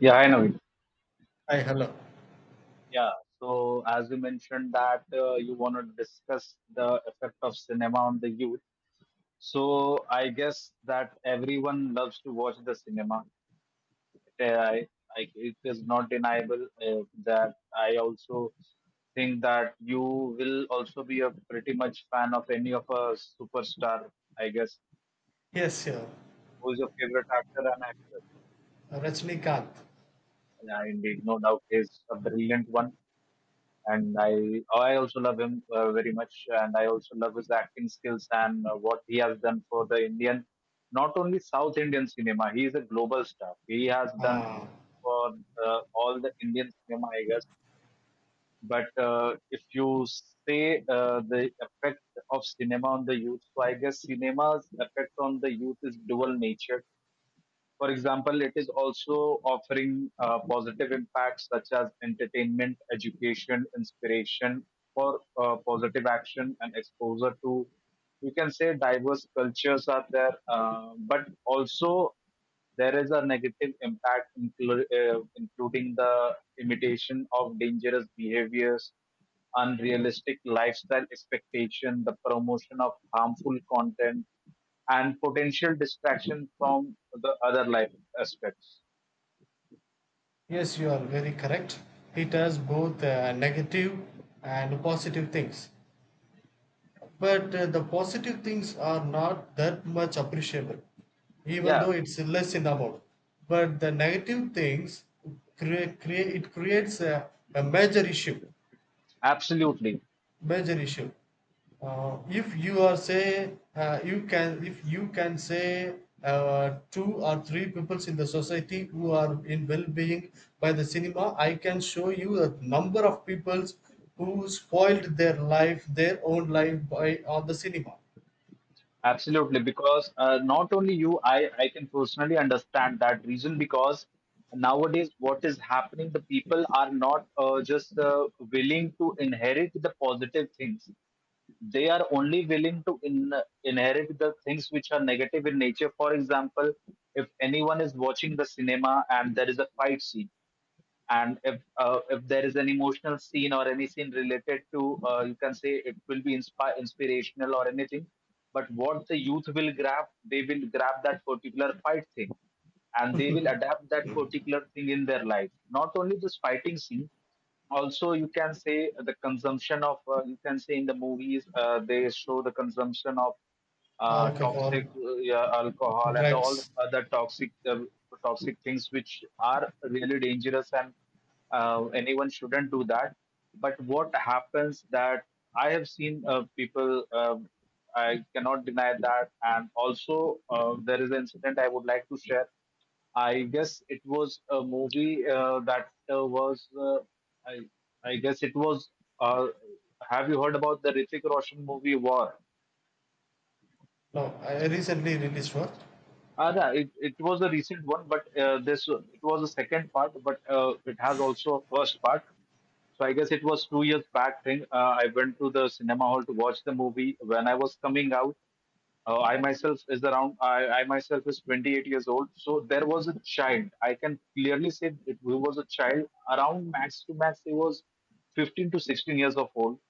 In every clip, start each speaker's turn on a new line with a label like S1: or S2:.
S1: Yeah, I know.
S2: Hi, hello.
S1: Yeah. So as you mentioned that you want to discuss the effect of cinema on the youth. So I guess that everyone loves to watch the cinema. Uh, I, it is not deniable that I also think that you will also be a pretty much fan of any of a superstar, I guess.
S2: Yes, yeah.
S1: Who is your favorite actor and actress?
S2: Rajnikanth.
S1: Yeah, indeed, no doubt, he's a brilliant one. And I also love him very much, and I also love his acting skills and what he has done for the Indian, not only South Indian cinema. He is a global star. He has done
S2: Ah,
S1: for all the Indian cinema, I guess. But if you say the effect of cinema on the youth, so I guess cinema's effect on the youth is dual nature. For example, it is also offering positive impacts such as entertainment, education, inspiration for positive action and exposure to, you can say, diverse cultures are there, but also there is a negative impact, including the imitation of dangerous behaviors, unrealistic lifestyle expectation, the promotion of harmful content and potential distraction from the other life aspects.
S2: yes, you are very correct. It has both negative and positive things. But the positive things are not that much appreciable, even
S1: Yeah,
S2: though it's less in amount. But the negative things, it creates a major issue.
S1: absolutely.
S2: Major issue. If you are say you can if you can say two or three peoples in the society who are in well-being by the cinema, I can show you a number of peoples who spoiled their life, their own life by on the cinema,
S1: Absolutely. Because not only you, I can personally understand that reason because nowadays what is happening, the people are not just willing to inherit the positive things. They are only willing to inherit the things which are negative in nature. For example, if anyone is watching the cinema and there is a fight scene, and if there is an emotional scene or any scene related to, you can say, it will be inspirational or anything, but what the youth will grab, they will grab that particular fight thing, and they will adapt that particular thing in their life. Not only this fighting scene, also you can say the consumption of, you can say, in the movies they show the consumption of
S2: alcohol,
S1: toxic yeah, alcohol and all the
S2: drugs.
S1: other toxic things which are really dangerous, and anyone shouldn't do that. But what happens that I have seen people, I cannot deny that. And also, there is an incident I would like to share. I guess it was a movie that was I I guess it was uh, have you heard about the Hrithik Roshan movie War?
S2: No, I recently released one.
S1: Yeah, it was a recent one, but this it was a second part, but it has also a first part. So I guess it was 2 years back thing. I went to the cinema hall to watch the movie. When I was coming out, I myself is around. I myself is 28 years old. So there was a child. I can clearly say it, he was a child around max to max. He was 15 to 16 years of old.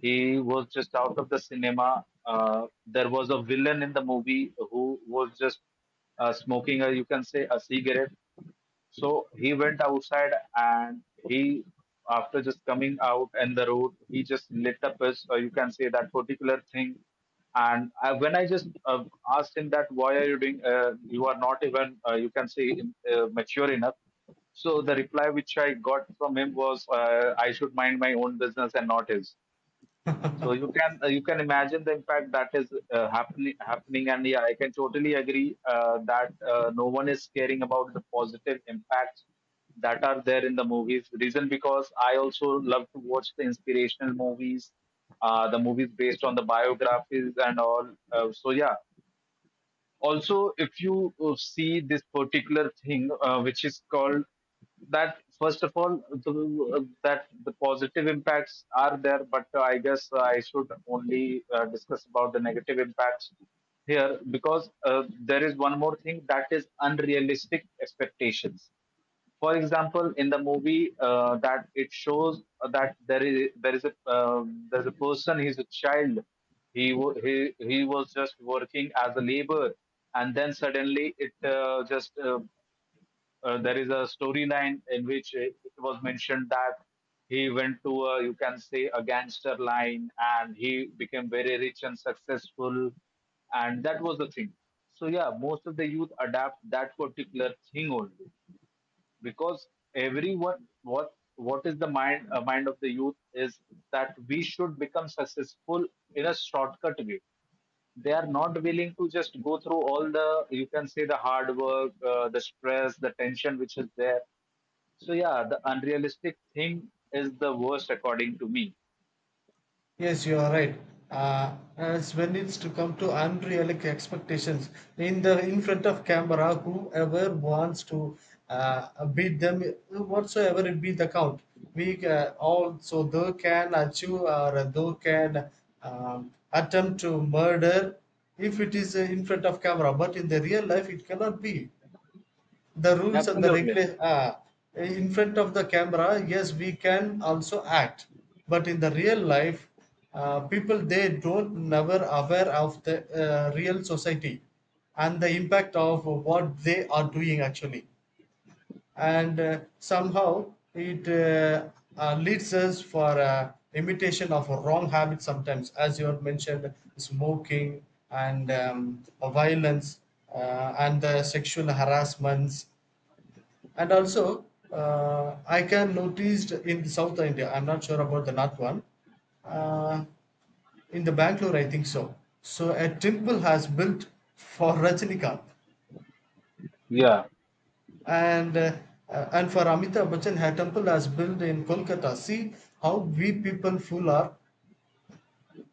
S1: He was just out of the cinema. There was a villain in the movie who was just smoking a, you can say, a cigarette. So he went outside and he, after just coming out in the road, he just lit up his, or you can say that particular thing. And I, when I just asked him that, why are you doing, you are not even, you can say, mature enough. So the reply which I got from him was, I should mind my own business and not his. So you can, you can imagine the impact that is happening, and yeah, I can totally agree that no one is caring about the positive impacts that are there in the movies. Reason because I also love to watch the inspirational movies, the movies based on the biographies and all. So yeah, also if you see this particular thing which is called that first of all, that the positive impacts are there, but I guess I should only discuss about the negative impacts here, because there is one more thing that is unrealistic expectations. For example, in the movie that it shows that there's a person, he's a child, he wa- he was just working as a labor, and then suddenly it just there is a storyline in which it was mentioned that he went to a, you can say, a gangster line, and he became very rich and successful, and that was the thing. So yeah, most of the youth adapt that particular thing only, because everyone, what is the mind of the youth is that we should become successful in a shortcut way. They are not willing to just go through all the, you can say, the hard work, the stress, the tension which is there. So yeah, the unrealistic thing is the worst according to me.
S2: Yes, you are right. As when it's to come to unrealistic expectations in the in front of camera, whoever wants to beat them, whatsoever it be the count, we all so they can achieve or they can attempt to murder if it is in front of camera. But in the real life, it cannot be the rules and the
S1: Absolutely.
S2: regulations ah, in front of the camera, yes, we can also act, but in the real life, people they don't never aware of the real society and the impact of what they are doing actually, and somehow it leads us for imitation of wrong habits sometimes, as you have mentioned, smoking, and violence, and the sexual harassments. And also, I can noticed in South India, I'm not sure about the North one, uh, in the Bangalore, I think so. So a temple has built for Rajinikanth,
S1: Yeah.
S2: and uh, and for Amitabh Bachchan, a temple has built in Kolkata. See how we people fool are.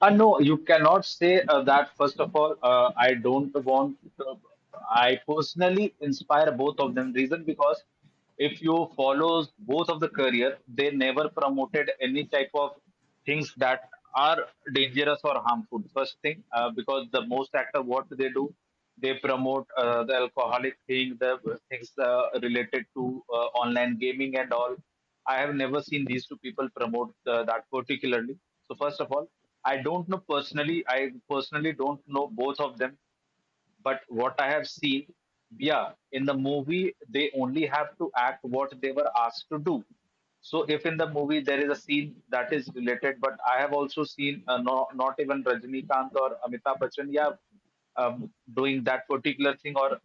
S1: No, you cannot say that. First of all, I don't want. To, I personally inspire both of them. Reason because if you follow both of the career, they never promoted any type of things that are dangerous or harmful. First thing, because the most actor what they do, they promote the alcoholic thing, the things related to online gaming and all. I have never seen these two people promote the, that particularly. So first of all, I don't know personally. I personally don't know both of them, but what I have seen, yeah, in the movie they only have to act what they were asked to do. So if in the movie there is a scene that is related, but I have also seen no, not even Rajnikant or Amitabh Bachchan, yeah, doing that particular thing, or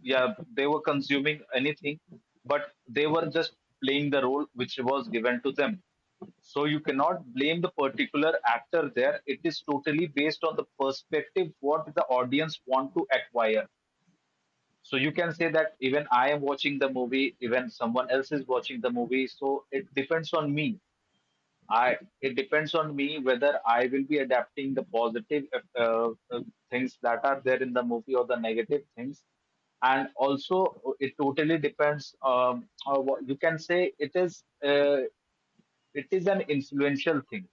S1: yeah, they were consuming anything, but they were just playing the role which was given to them. So you cannot blame the particular actor there. It is totally based on the perspective what the audience want to acquire. So you can say that even I am watching the movie, even someone else is watching the movie. So it depends on me. I, it depends on me whether I will be adapting the positive uh, uh, things that are there in the movie or the negative things. And also, it totally depends. On what you can say, it is an influential thing,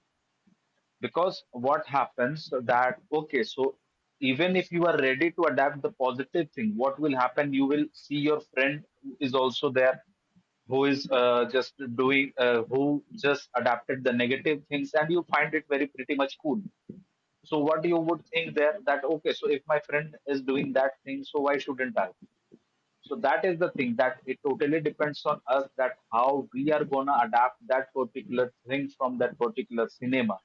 S1: because what happens that okay, so even if you are ready to adapt the positive thing, what will happen, you will see your friend is also there, who is just doing who just adapted the negative things, and you find it very pretty much cool. So what you would think there, that okay, so if my friend is doing that thing, so why shouldn't I? So that is the thing, that it totally depends on us, that how we are gonna adapt that particular thing from that particular cinema.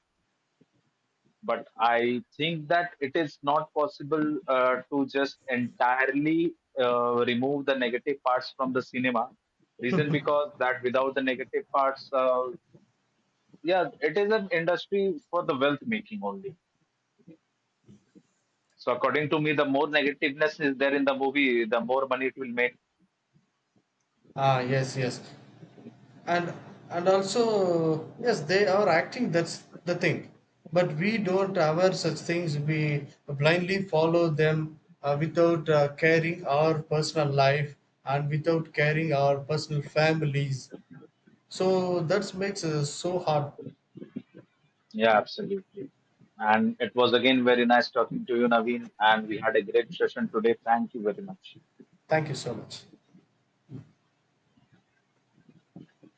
S1: But I think that it is not possible to just entirely remove the negative parts from the cinema. Reason because that without the negative parts, yeah, it is an industry for the wealth making only. So according to me, the more negativeness is there in the movie, the more money it will make.
S2: Ah, yes, yes. and and also yes they are acting, that's the thing, but we don't have such things, we blindly follow them, without caring our personal life, and without caring our personal families, so that makes us so hard.
S1: Yeah, absolutely. And it was again very nice talking to you, Naveen, and we had a great session today. Thank you very much.
S2: Thank you so much.